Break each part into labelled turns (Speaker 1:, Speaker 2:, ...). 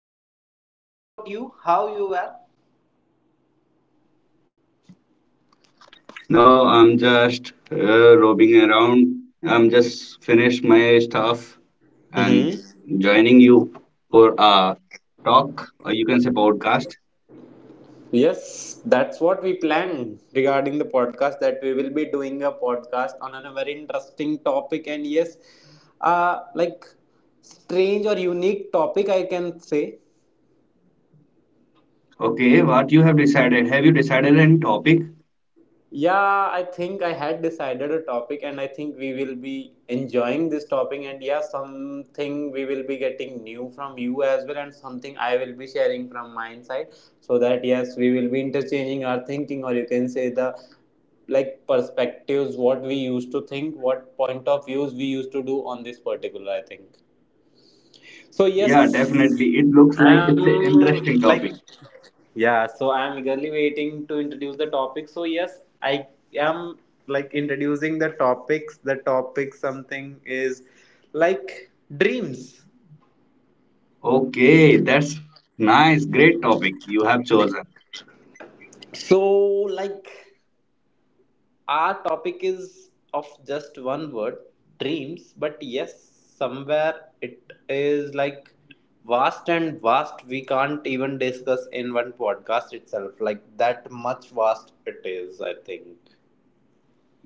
Speaker 1: you?
Speaker 2: doing good. What about you? How you were?
Speaker 1: No, I'm just roaming around. I'm just finished my stuff and
Speaker 2: Mm-hmm.
Speaker 1: joining you for a talk or you can say podcast.
Speaker 2: Yes, that's what we planned regarding the podcast that we will be doing a podcast on a very interesting topic and yes, uh like strange or unique topic I can say.
Speaker 1: Okay, what you have decided? Have you decided any topic?
Speaker 2: Yeah, I think I had decided a topic, and I think we will be enjoying this topic. And yeah, something we will be getting new from you as well, and something I will be sharing from my side. So that, yes, we will be interchanging our thinking, or you can say the perspectives, what we used to think, what point of views we used to do on this particular, I think. So,
Speaker 1: Yeah, definitely.
Speaker 2: yes,
Speaker 1: It looks like
Speaker 2: I'm
Speaker 1: it's an interesting
Speaker 2: like.
Speaker 1: topic.
Speaker 2: Yeah, so I'm eagerly waiting to introduce the topic. So yes, I am introducing the topics. The topic something is like dreams.
Speaker 1: Okay, that's nice. Great topic you have chosen.
Speaker 2: So like our topic is of just one word, dreams, but yes, somewhere it is like vast and vast we can't even discuss in one podcast itself. Like that much vast it is, I think.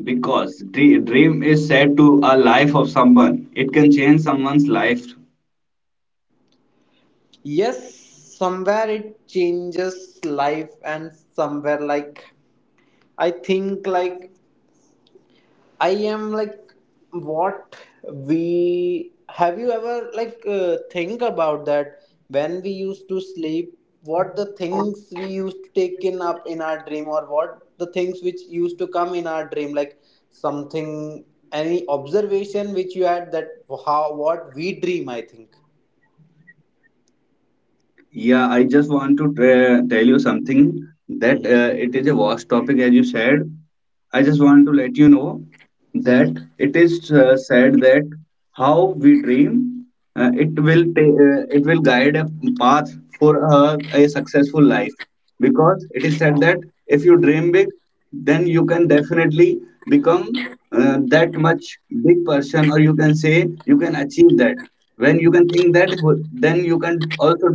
Speaker 1: Because dream is said to a life of someone. It can change someone's life.
Speaker 2: Yes, somewhere it changes life and somewhere like, I think like, I am like, what we have, you ever like think about that, when we used to sleep, what the things we used to take in up in our dream, or what the things which used to come in our dream, like something, any observation which you had, that how what we dream, I think.
Speaker 1: Yeah, I just want to tell you something that
Speaker 2: Mm-hmm.
Speaker 1: it is a vast topic, as you said. I just want to let you know that it is said that how we dream, it will guide a path for a successful life, because it is said that if you dream big then you can definitely become that much big person, or you can say you can achieve that. When you can think that, then you can also do that.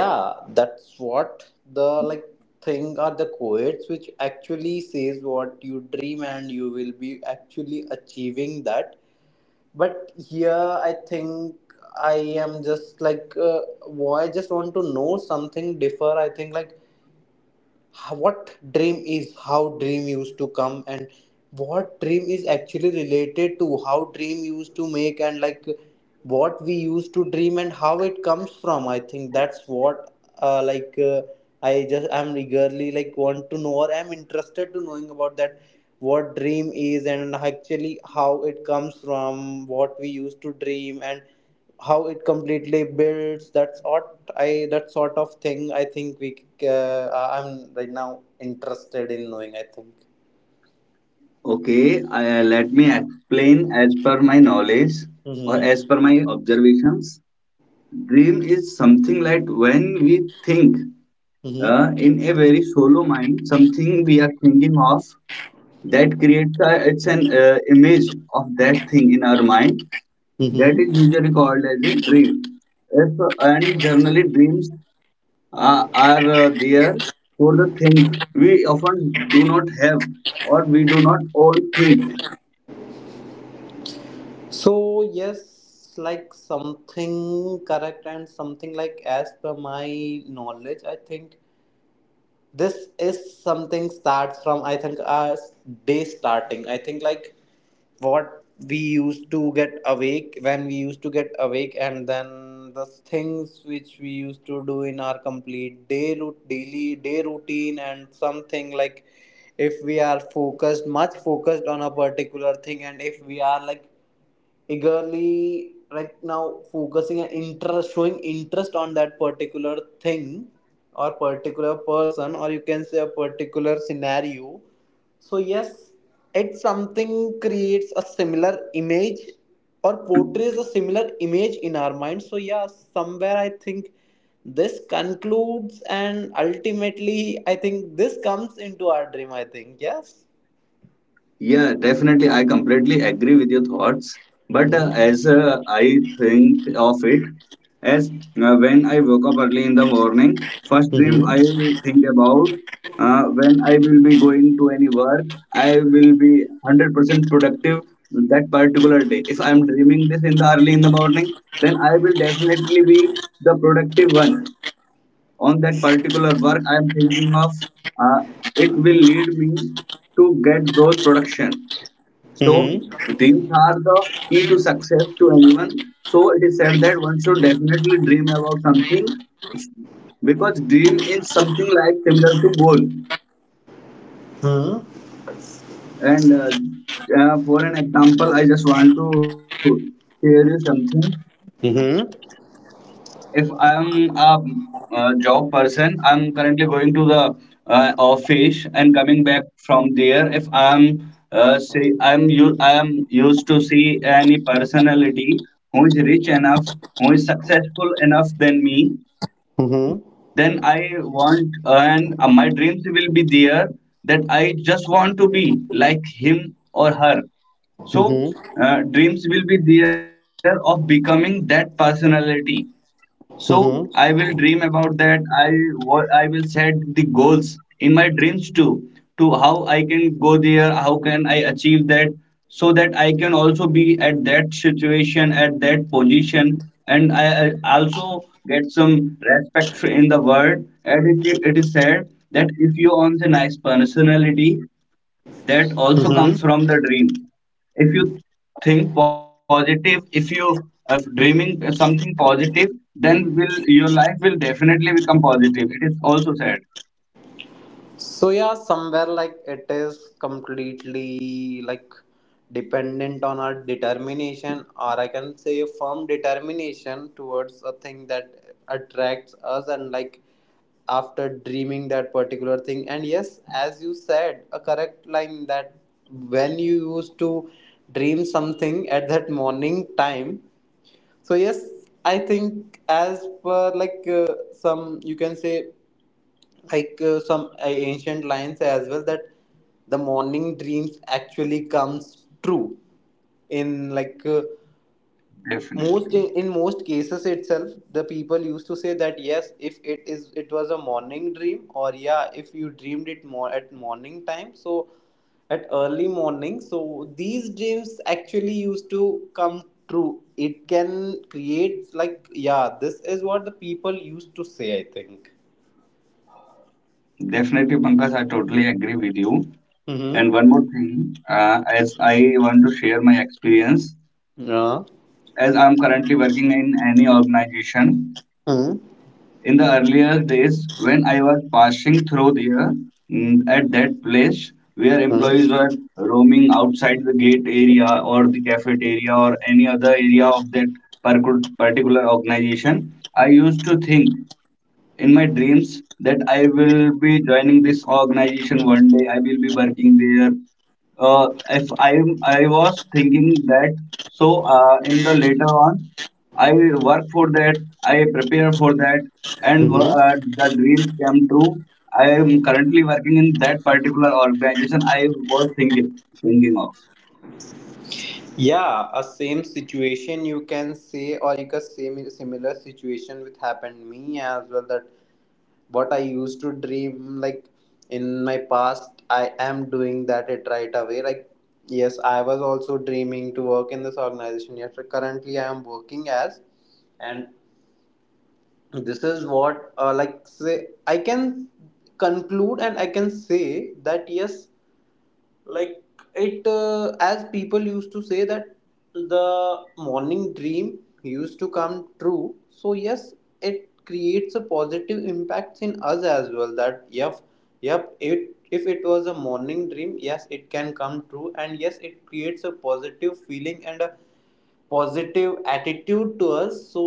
Speaker 2: Yeah, that's what the thing are the quotes which actually says what you dream and you will be actually achieving that. But here I think I am just like why I just want to know something differ, I think, like what dream is, how dream used to come, and what dream is actually related to, how dream used to make, and like what we used to dream and how it comes from, I think that's what uh, like uh, I just am eagerly like want to know, or I'm interested to knowing about that, what dream is, and actually how it comes from, what we used to dream, and how it completely builds that sort, I that sort of thing I think we c- uh, I'm right now interested in knowing, I think.
Speaker 1: Okay, let me explain as per my knowledge or as
Speaker 2: Mm-hmm.
Speaker 1: per my observations. Dream is something like when we think,
Speaker 2: Mm-hmm.
Speaker 1: in a very solo mind, something we are thinking of, that creates a, it's an image of that thing in our mind. That
Speaker 2: Mm-hmm.
Speaker 1: is usually called as a dream. If, and generally dreams are there for the things we often do not have, or we do not own things.
Speaker 2: So yes, like something correct and something like as per my knowledge I think this is something starts from I think our day starting. I think like what we used to get awake, when we used to get awake, and then the things which we used to do in our complete day route, daily day routine, and something like, if we are focused, much focused on a particular thing, and if we are like eagerly right now focusing and interest showing interest on that particular thing or particular person, or you can say a particular scenario, so yes, it's something creates a similar image or portrays a similar image in our mind, so yeah, somewhere I think this concludes and ultimately I think this comes into our dream, I think. Yes.
Speaker 1: Yeah, definitely. I completely agree with your thoughts. But uh,
Speaker 2: Mm-hmm.
Speaker 1: as uh, I think of it, as when I woke up early in the morning, first dream I
Speaker 2: Mm-hmm.
Speaker 1: think about, when I will be going to any work, I will be 100% productive that particular day. If I'm dreaming this in the early in the morning, then I will definitely be the productive one on that particular work I am thinking of. Uh, it will lead me to get those production. So
Speaker 2: Mm-hmm.
Speaker 1: dreams are the key to success to anyone. So it is said that one should definitely dream about something, because dream is something like similar to goal. And for an example, I just want to share you something.
Speaker 2: Mm-hmm.
Speaker 1: If I'm a, job person, I'm currently going to the office and coming back from there. If I'm say I am used to see any personality who is rich enough, who is successful enough than me,
Speaker 2: Mm-hmm.
Speaker 1: then I want and my dreams will be there that I just want to be like him or her. So
Speaker 2: Mm-hmm.
Speaker 1: dreams will be there of becoming that personality, so I will
Speaker 2: Mm-hmm.
Speaker 1: dream about that. I, what I will set the goals in my dreams too, to how I can go there, how can I achieve that, so that I can also be at that situation, at that position, and I also get some respect in the world. And it is said that if you own a nice personality, that
Speaker 2: Mm-hmm.
Speaker 1: also comes from the dreams. If you think positive, if you are dreaming something positive, then will your life will definitely become positive, it is also said.
Speaker 2: So yeah, somewhere like it is completely like dependent on our determination, or I can say a firm determination towards a thing that attracts us, and like after dreaming that particular thing. And yes, as you said, a correct line that when you used to dream something at that morning time, so yes, I think as per like some you can say like some ancient lines as well that the morning dreams actually comes true in like most,
Speaker 1: Definitely,
Speaker 2: in most cases itself, the people used to say that yes, if it is, it was a morning dream, or yeah, if you dreamed it more at morning time, so at early morning, so these dreams actually used to come true. It can create like, yeah, this is what the people used to say, I think.
Speaker 1: Pankaj, I totally agree with you.
Speaker 2: Mm-hmm.
Speaker 1: And one more thing, as I want to share my experience,
Speaker 2: Yeah.
Speaker 1: as I'm currently working in any organization.
Speaker 2: Mm-hmm.
Speaker 1: In the earlier days, when I was passing through there, at that place where employees were roaming outside the gate area or the cafeteria or any other area of that particular organization, I used to think in my dreams that I will be joining this organization one day. I will be working there. If I I was thinking that. So in the later on, I work for that. I prepare for that, and
Speaker 2: Mm-hmm.
Speaker 1: the dreams came true. I am currently working in that particular organization. I was thinking of.
Speaker 2: Yeah, a same situation you can say, or you can same similar situation which happened me as well. That what I used to dream like in my past, I am doing that it right away. Like yes, I was also dreaming to work in this organization. Yes, but currently I am working as, and this is what like say I can conclude and I can say that yes, like it, as people used to say that the morning dream used to come true, so yes, it creates a positive impacts in us as well, that yep, yep, it if it was a morning dream, yes, it can come true, and yes, it creates a positive feeling and a positive attitude to us, so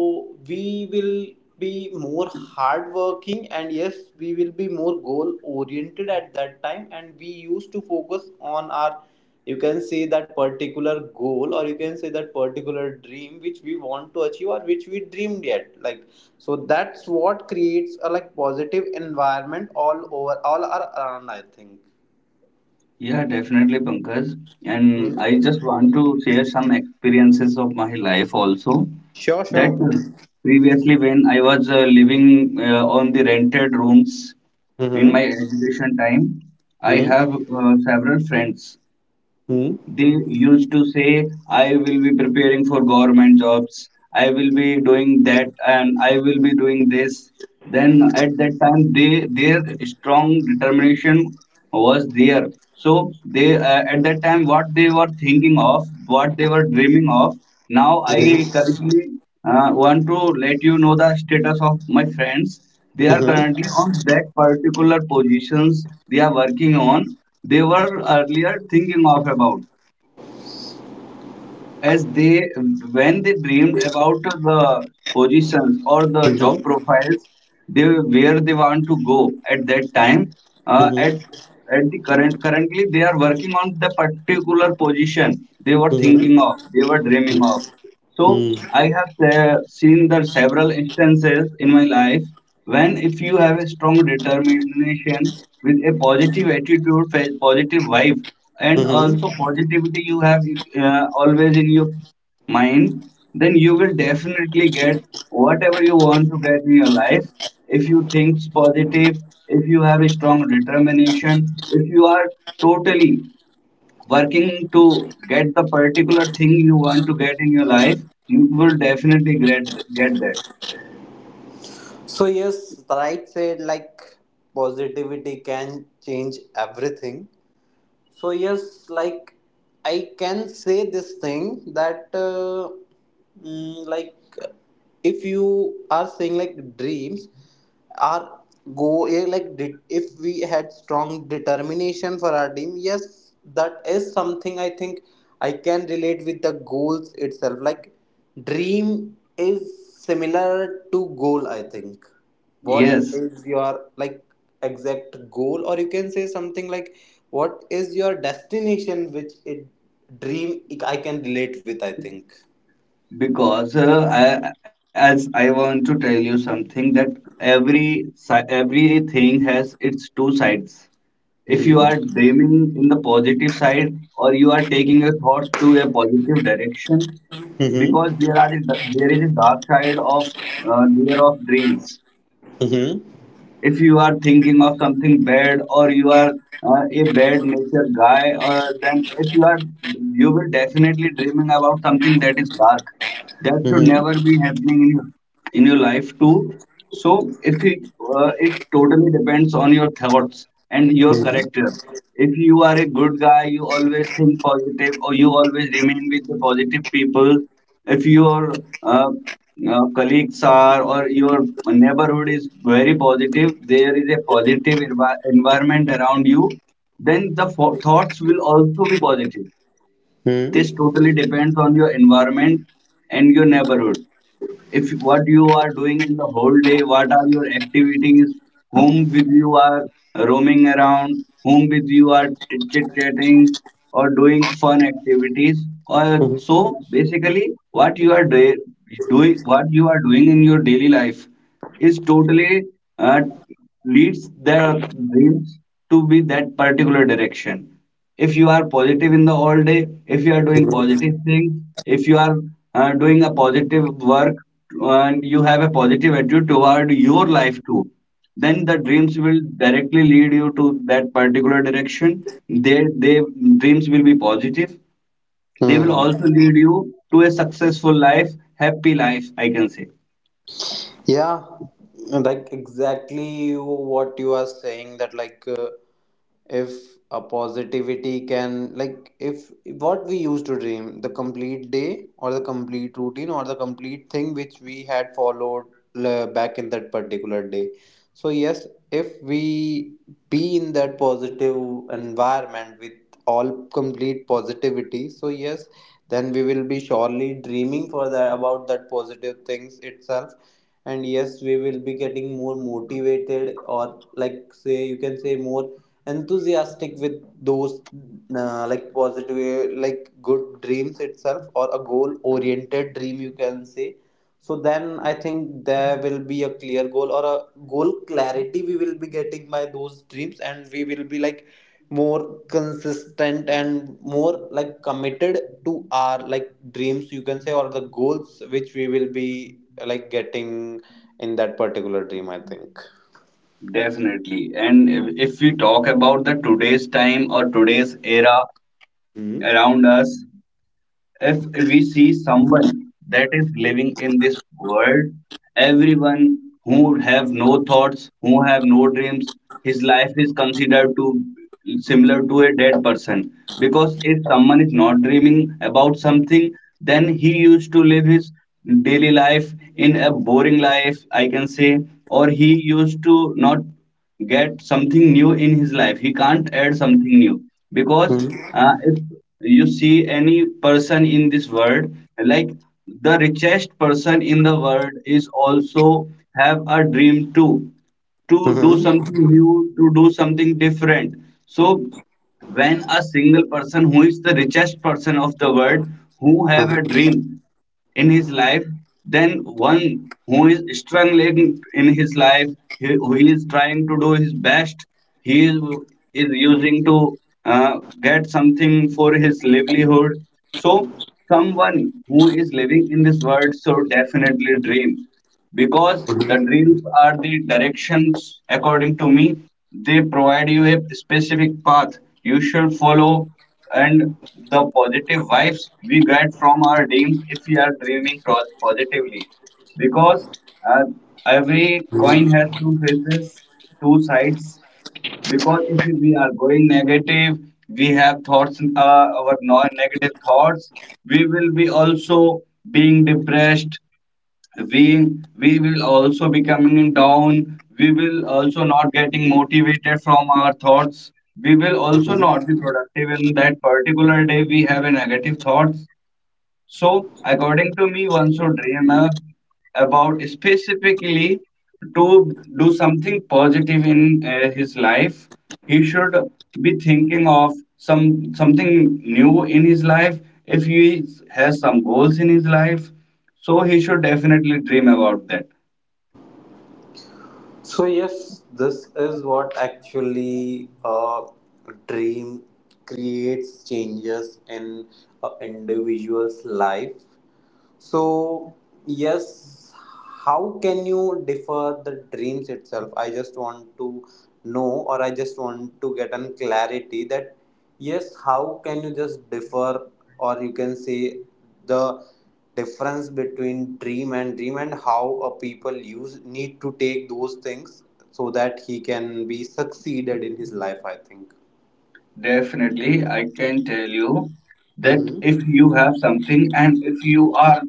Speaker 2: we will be more hardworking, and yes, we will be more goal oriented at that time, and we used to focus on our, you can say, that particular goal, or you can say that particular dream which we want to achieve, or which we dreamed yet, like, so that's what creates a like positive environment all over, around, I think.
Speaker 1: Yeah, definitely, Pankaj. And
Speaker 2: Hmm.
Speaker 1: I just want to share some experiences of my life also.
Speaker 2: Sure,
Speaker 1: That
Speaker 2: sure.
Speaker 1: previously, when I was living on the rented rooms in my
Speaker 2: Mm-hmm.
Speaker 1: education time, I
Speaker 2: Mm-hmm.
Speaker 1: have several friends. They used to say I will be preparing for government jobs, I will be doing that and I will be doing this. Then at that time, they, their strong determination was there. So they, at that time, what they were thinking of, what they were dreaming of, now I currently want to let you know the status of my friends. They are
Speaker 2: Mm-hmm.
Speaker 1: currently on that particular positions they are working on. They were earlier thinking of about, as they, when they dreamed about the positions or the job
Speaker 2: Mm-hmm.
Speaker 1: profiles, they where they want to go at that time, uh, at
Speaker 2: Mm-hmm.
Speaker 1: at the currently they are working on the particular position they were thinking of,
Speaker 2: Mm-hmm.
Speaker 1: they were dreaming of. So I
Speaker 2: Mm-hmm.
Speaker 1: have seen that several instances in my life, when if you have a strong determination with a positive attitude, positive vibe, and also
Speaker 2: Mm-hmm.
Speaker 1: positivity you have always in your mind, then you will definitely get whatever you want to get in your life. If you think positive, if you have a strong determination, if you are totally working to get the particular thing you want to get in your life, you will definitely get that.
Speaker 2: So yes, right said like positivity can change everything. So yes, like I can say this thing that like if you are saying like dreams are go eh, like de- if we had strong determination for our dream, yes, that is something I think I can relate with the goals itself, like dream is similar to goal, I think. What
Speaker 1: Yes,
Speaker 2: is your like exact goal, or you can say something like what is your destination which it dream I can relate with, I think.
Speaker 1: because as I want to tell you something, that everything has its two sides. If you
Speaker 2: Hmm.
Speaker 1: are dreaming in the positive side, or you are taking your thoughts to a positive direction, because
Speaker 2: Mm-hmm.
Speaker 1: there is a dark side of layer of dreams.
Speaker 2: Mm-hmm.
Speaker 1: If you are thinking of something bad, or you are a bad nature guy, or then if you are, you will definitely dreaming about something that is dark, that should never be happening in your, in your life too. So if you, it totally depends on your thoughts and your character. If you are a good guy, you always think positive, or you always remain with the positive people. If your uh, colleagues are, or your neighborhood is very positive, there is a positive environment around you, then the thoughts will also be positive. This
Speaker 2: Hmm.
Speaker 1: totally depends on your environment and your neighborhood. If what you are doing in the whole day, what are your activities, whom with you are roaming around, whom with you are chit chatting, or doing fun activities, or so basically what you are doing, what you are doing in your daily life is totally uh, leads their dreams to be that particular direction. If you are positive in the all day, if you are doing positive things, if you are doing a positive work, and you have a positive attitude toward your life too, then the dreams will directly lead you to that particular direction. They Dreams will be positive, they will
Speaker 2: Hmm.
Speaker 1: also lead you to a successful life, happy life I can say.
Speaker 2: Yeah, like exactly you, what you are saying that like if a positivity can like, if what we used to dream the complete day, or the complete routine, or the complete thing which we had followed back in that particular day, so, yes, if we be in that positive environment with all complete positivity, so yes, then we will be surely dreaming for that, about that positive things itself. And yes, we will be getting more motivated, or like say, you can say more enthusiastic with those like positive like good dreams itself, or a goal oriented dream you can say, so then I think there will be a clear goal or a goal clarity we will be getting by those dreams, and we will be like more consistent and more like committed to our like dreams, you can say, or the goals which we will be like getting in that particular dream, I think.
Speaker 1: Definitely. And if we talk about the today's time or today's era around
Speaker 2: Hmm.
Speaker 1: us, if we see someone that is living in this world, everyone who have no thoughts, who have no dreams, his life is considered to similar to a dead person. Because if someone is not dreaming about something, then he used to live his daily life in a boring life, I can say, or he used to not get something new in his life. He can't add something new, because
Speaker 2: Hmm.
Speaker 1: if you see any person in this world, like the richest person in the world is also have a dream too, to do
Speaker 2: Hmm.
Speaker 1: something new, to do something different. So when a single person who is the richest person of the world who have a dream in his life, than one who is struggling in his life, he, who is trying to do his best, he is, is using to get something for his livelihood. So, someone who is living in this world should definitely dream. Because the dreams are the directions, according to me, they provide you a specific path you should follow, and the positive vibes we get from our dreams if we are dreaming positively. Because uh, every
Speaker 2: Hmm.
Speaker 1: coin has two faces, two sides. Because if we are going negative, we have thoughts, our non negative thoughts, we will be also being depressed, we we will also becoming down, we will also not getting motivated from our thoughts, we will also not
Speaker 2: Hmm.
Speaker 1: be productive in that particular day, we have a negative thoughts. So, according to me, one should dream up about specifically to do something positive in his life. He should be thinking of some something new in his life. If he has some goals in his life, so he should definitely dream about that.
Speaker 2: So yes, this is what actually a dream creates changes in an individual's life. So, yes, how can you defer the dreams itself? I just want to know, or I just want to get an clarity that yes, how can you just defer, or you can say the difference between dream and dream, and how a people use need to take those things so that he can be succeeded in his life. I think.
Speaker 1: Definitely, I can tell you that
Speaker 2: Mm-hmm.
Speaker 1: if you have something and if you are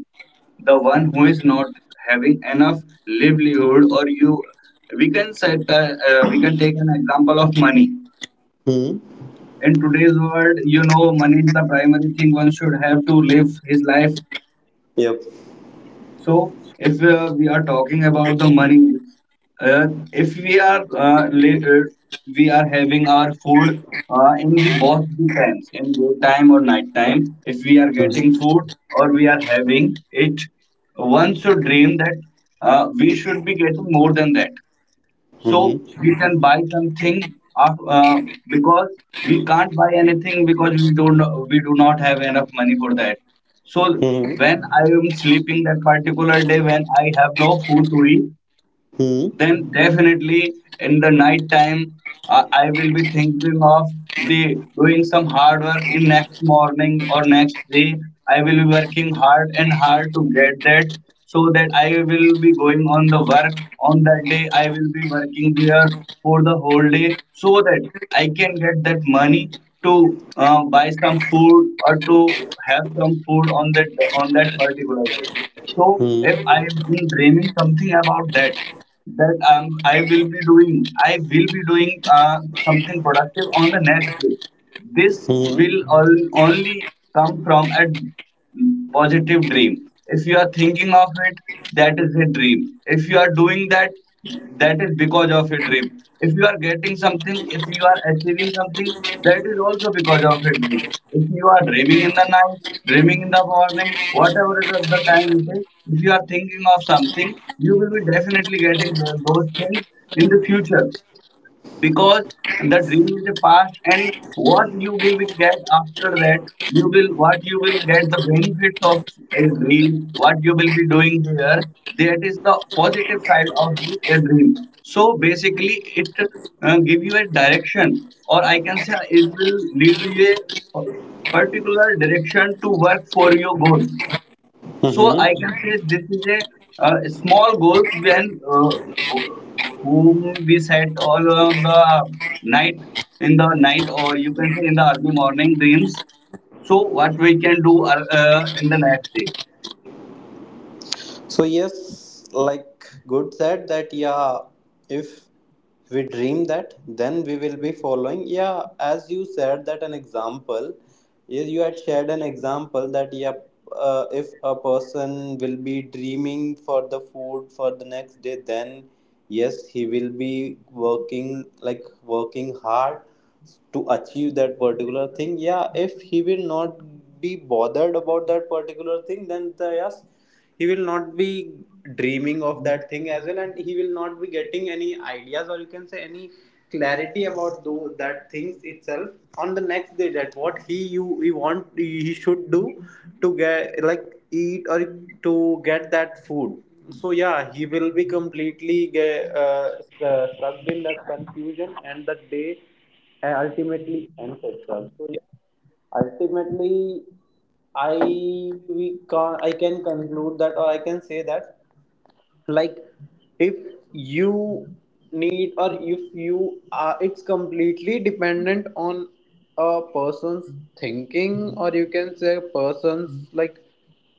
Speaker 1: the one who is not having enough livelihood, or you we can set we can take an example of money.
Speaker 2: Hmm.
Speaker 1: In today's world, you know, money is the primary thing one should have to live his life.
Speaker 2: Yep.
Speaker 1: So, if we are talking about the money, if we are later, we are having our food in the both the times, in daytime or night time, if we are getting food or we are having it, one should dream that we should be getting more than that so
Speaker 2: Mm-hmm.
Speaker 1: we can buy something af- uh, because we can't buy anything because we don't we do not have enough money for that. So
Speaker 2: Hmm.
Speaker 1: when I am sleeping that particular day when I have no food to eat, then definitely in the night time, I will be thinking of the doing some hard work in next morning or next day. I will be working hard and hard to get that, so that I will be going on the work. On that day I will be working there for the whole day so that I can get that money to buy some food or to have some food on that particular day. So
Speaker 2: Hmm.
Speaker 1: if I am dreaming something about that, that I will be doing something productive on the next day. This
Speaker 2: Hmm.
Speaker 1: will only come from a positive dream. If you are thinking of it, that is a dream. If you are doing that, that is because of a dream. If you are getting something, if you are achieving something, that is also because of a dream. If you are dreaming in the night, dreaming in the morning, whatever it is the time it is, if you are thinking of something, you will be definitely getting those things in the future, because the dream is a past, and what you will be get after that, you will what you will get the benefits of a dream, what you will be doing here, that is the positive side of the a dream. So basically it give you a direction, or I can say it will lead you a particular direction to work for your goal. So I can
Speaker 2: Mm-hmm.
Speaker 1: say this is a, small goal when wh- whom we set all on the night, in the night, or you can say in the early morning dreams. So what we can do are, in the next day?
Speaker 2: So yes, like good said that yeah, if we dream that, then we will be following. Yeah, as you said that an example, you had shared an example that yeah, if a person will be dreaming for the food for the next day, then yes, he will be working like working hard to achieve that particular thing. Yeah, if he will not be bothered about that particular thing, then the, yes, he will not be dreaming of that thing as well, and he will not be getting any ideas, or you can say any clarity about those that things itself on the next day, that what he you he want he should do to get like eat, or to get that food, so yeah, he will be completely stuck in that confusion, and that day ultimately ends itself, so yeah, ultimately I we can I can conclude that, or I can say that like, if you need, or if you are, it's completely dependent on a person's thinking, or you can say a person's like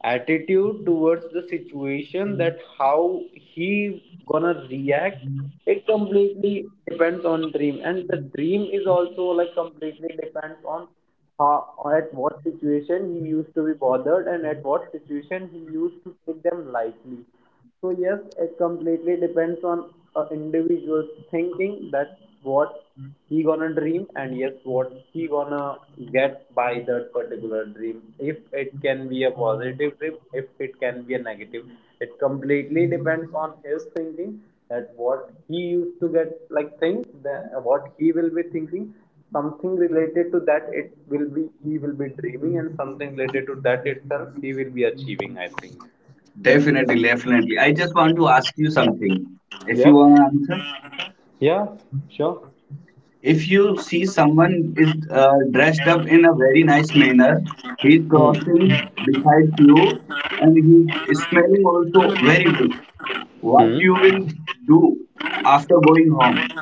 Speaker 2: attitude towards the situation, that how he gonna react. It completely depends on dream, and the dream is also like completely depends on how at what situation he used to be bothered, and at what situation he used to take them lightly. So yes, it completely depends on a individual's thinking. That's what he gonna dream, and yes, what he gonna get by that particular dream. If it can be a positive dream, if it can be a negative, it completely depends on his thinking. That what he used to get like things, that what he will be thinking. Something related to that, it will be he will be dreaming, and something related to that itself, he will be achieving. I think.
Speaker 1: Definitely, definitely. I just want to ask you something. If you
Speaker 2: Yep.
Speaker 1: want to answer,
Speaker 2: Yeah, sure.
Speaker 1: if you see someone is dressed up in a very nice manner, he's
Speaker 2: Hmm.
Speaker 1: crossing beside you, and he's smelling also very good. What
Speaker 2: Hmm.
Speaker 1: you will do after going home?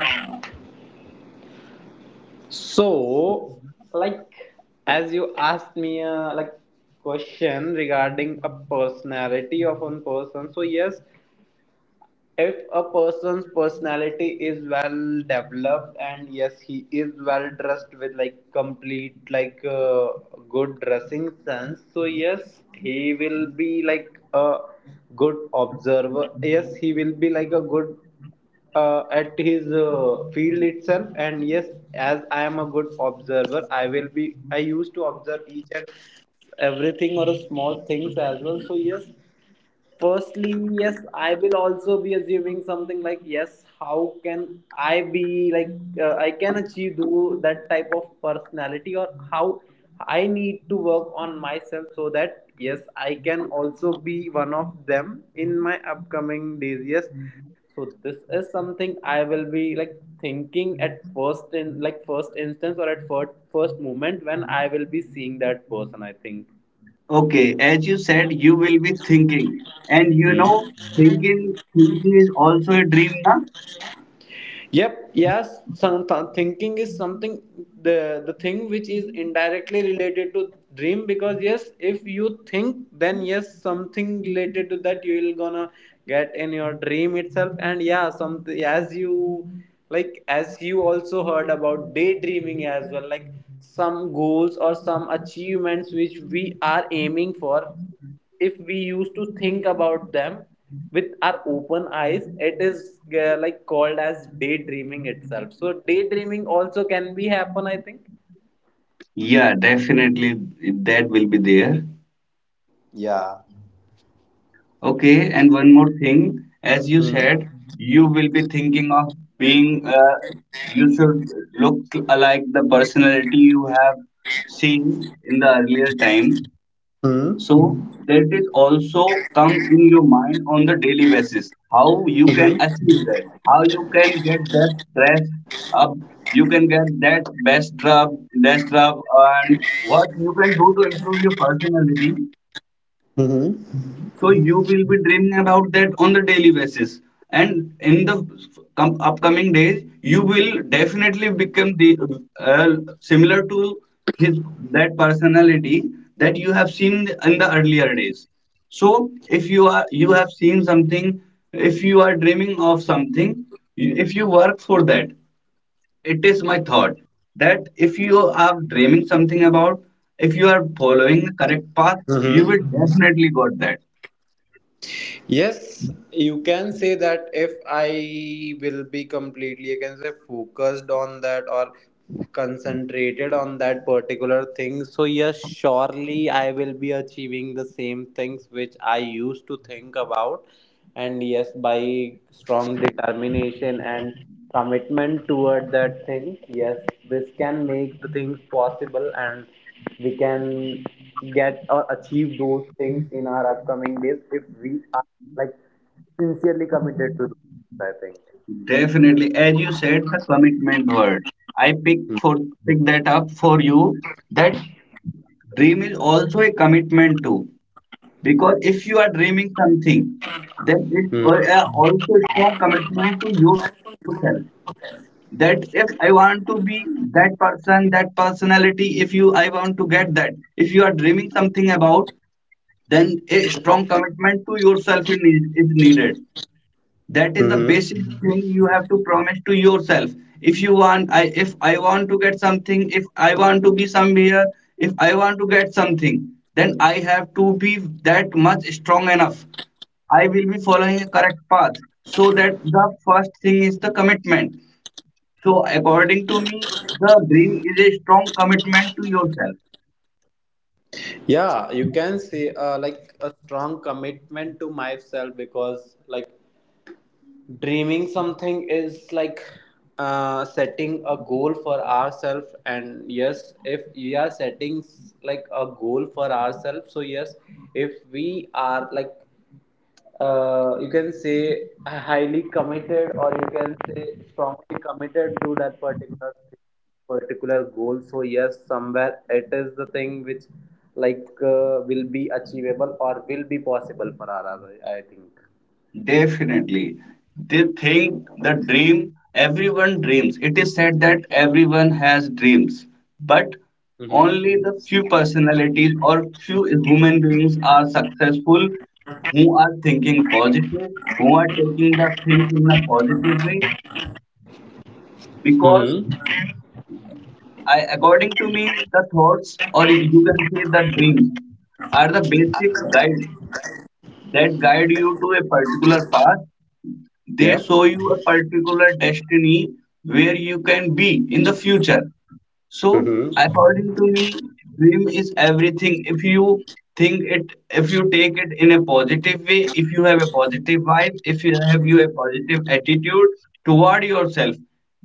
Speaker 2: So, like, as you asked me a like question regarding a personality of one person, so yes, if a person's personality is well developed and yes, he is well dressed with like complete like good dressing sense, so yes, he will be like a good observer. Yes, he will be like a good at his field itself, and yes, as I am a good observer, I will be I used to observe each and everything or a small things as well, so yes, firstly, yes, I will also be assuming something like, yes, how can I be like, I can achieve do that type of personality, or how I need to work on myself so that, yes, I can also be one of them in my upcoming days. Yes, so this is something I will be like thinking at first in like first instance or at first moment when I will be seeing that person. I think.
Speaker 1: Okay, as you said, you will be thinking, and,
Speaker 2: Hmm.
Speaker 1: thinking is also a dream, na?
Speaker 2: Yep, yes, some thinking is something the thing which is indirectly related to dream, because yes, if you think, then yes, something related to that you will gonna get in your dream itself. And yeah, something as you like as you also heard about daydreaming as well, like some goals or some achievements which we are aiming for, if we used to think about them with our open eyes, it is like called as daydreaming itself, so daydreaming also can be happen, I think.
Speaker 1: Yeah, definitely that will be there.
Speaker 2: Yeah.
Speaker 1: Okay, and one more thing, as you
Speaker 2: Hmm.
Speaker 1: said, you will be thinking of being. You should look like the personality you have seen in the earlier time.
Speaker 2: Hmm.
Speaker 1: So that is also come in your mind on the daily basis. How you can
Speaker 2: Hmm.
Speaker 1: achieve that? How you can get that stress up? You can get that best job, and what you can do to improve your personality,
Speaker 2: Hmm.
Speaker 1: so you will be dreaming about that on the daily basis. And in the upcoming days, you will definitely become the uh, similar to his that personality that you have seen in the earlier days. So if you have seen something, if you are dreaming of something, if you work for that, it is my thought that if you are dreaming something about, if you are following the correct path, you
Speaker 2: Hmm.
Speaker 1: will definitely got that.
Speaker 2: Yes, you can say that if I will be completely, I can say, focused on that or concentrated on that particular thing. So, yes, surely I will be achieving the same things which I used to think about. And yes, by strong determination and commitment toward that thing, yes, this can make the things possible. And we can get or achieve those things in our upcoming days if we are like sincerely committed to those, I think.
Speaker 1: Definitely, as you said, the commitment word. I pick for pick that up for you. That dream is also a commitment too, because if you are dreaming something, then also a strong commitment to yourself. That if I want to be that person, that personality, if you I want to get that. If you are dreaming something about, then a strong commitment to yourself is needed. That is the
Speaker 2: Mm-hmm.
Speaker 1: basic thing you have to promise to yourself. If you want I if I want to get something, if I want to be somewhere, if I want to get something, then I have to be that much strong enough. I will be following a correct path, so that the first thing is the commitment. So according to me, the dream is a strong commitment to yourself.
Speaker 2: Yeah, you can see like a strong commitment to myself, because like dreaming something is like setting a goal for ourselves. And yes, if we are setting like a goal for ourselves, so yes, if we are like you can say a highly committed or you can say strongly committed to that particular thing, particular goal, so yes, somewhere it is the thing which like will be achievable or will be possible for us, I think.
Speaker 1: Definitely. They think the dream, everyone dreams. It is said that everyone has dreams, but
Speaker 2: Mm-hmm.
Speaker 1: only the few personalities or few human beings are successful, who are thinking positive, who are taking the things in a positive way. Because
Speaker 2: Mm-hmm.
Speaker 1: according to me, the thoughts, or you can say the dreams, are the basic guide that guide you to a particular path. They show you a particular destiny where you can be in the future. So,
Speaker 2: Yeah.
Speaker 1: according to me, dream is everything. If you think it, if you take it in a positive way, if you have a positive vibe, if you have you a positive attitude toward yourself,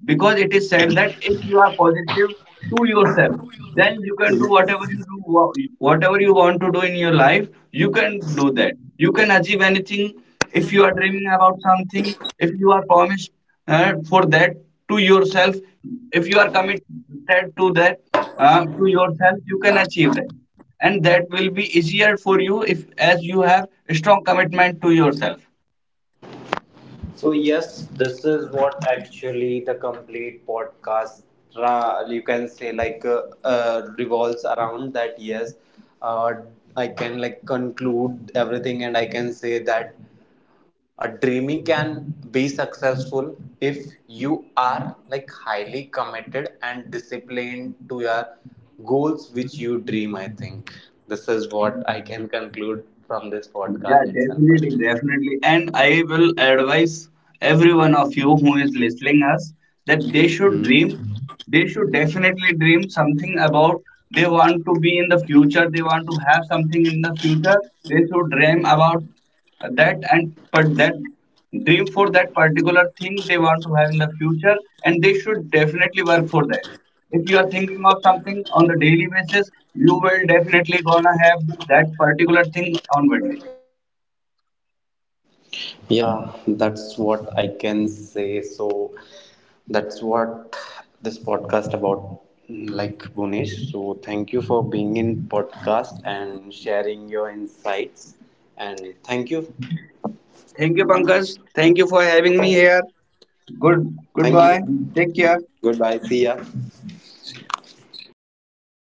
Speaker 1: because it is said that if you are positive to yourself, then you can do whatever you do, whatever you want to do in your life. You can do that. You can achieve anything if you are dreaming about something. If you are promised for that to yourself, if you are committed to that to yourself, you can achieve that, and that will be easier for you if as you have a strong commitment to yourself.
Speaker 2: So yes, this is what actually the complete podcast you can say like revolves around that, yes, uh, I can like conclude everything, and I can say that a dreaming can be successful if you are like highly committed and disciplined to your goals which you dream, I think. This is what I can conclude from this podcast
Speaker 1: Yeah,
Speaker 2: itself, I think.
Speaker 1: definitely, definitely. And I will advise every one of you who is listening us that they should
Speaker 2: Hmm.
Speaker 1: dream. They should definitely dream something about they want to be in the future. They want to have something in the future. They should dream about that, and but that dream for that particular thing they want to have in the future. And they should definitely work for that. If you are thinking of something on the daily basis, you will definitely gonna have that particular thing on one day.
Speaker 2: Yeah, that's what I can say. So that's what this podcast about, like Bhunesh. So thank you for being in podcast and sharing your insights, and thank you.
Speaker 1: Thank you, Pankaj. Thank you for having me here. Good
Speaker 2: Thank you.
Speaker 1: Goodbye. Take care.
Speaker 2: Goodbye. See ya.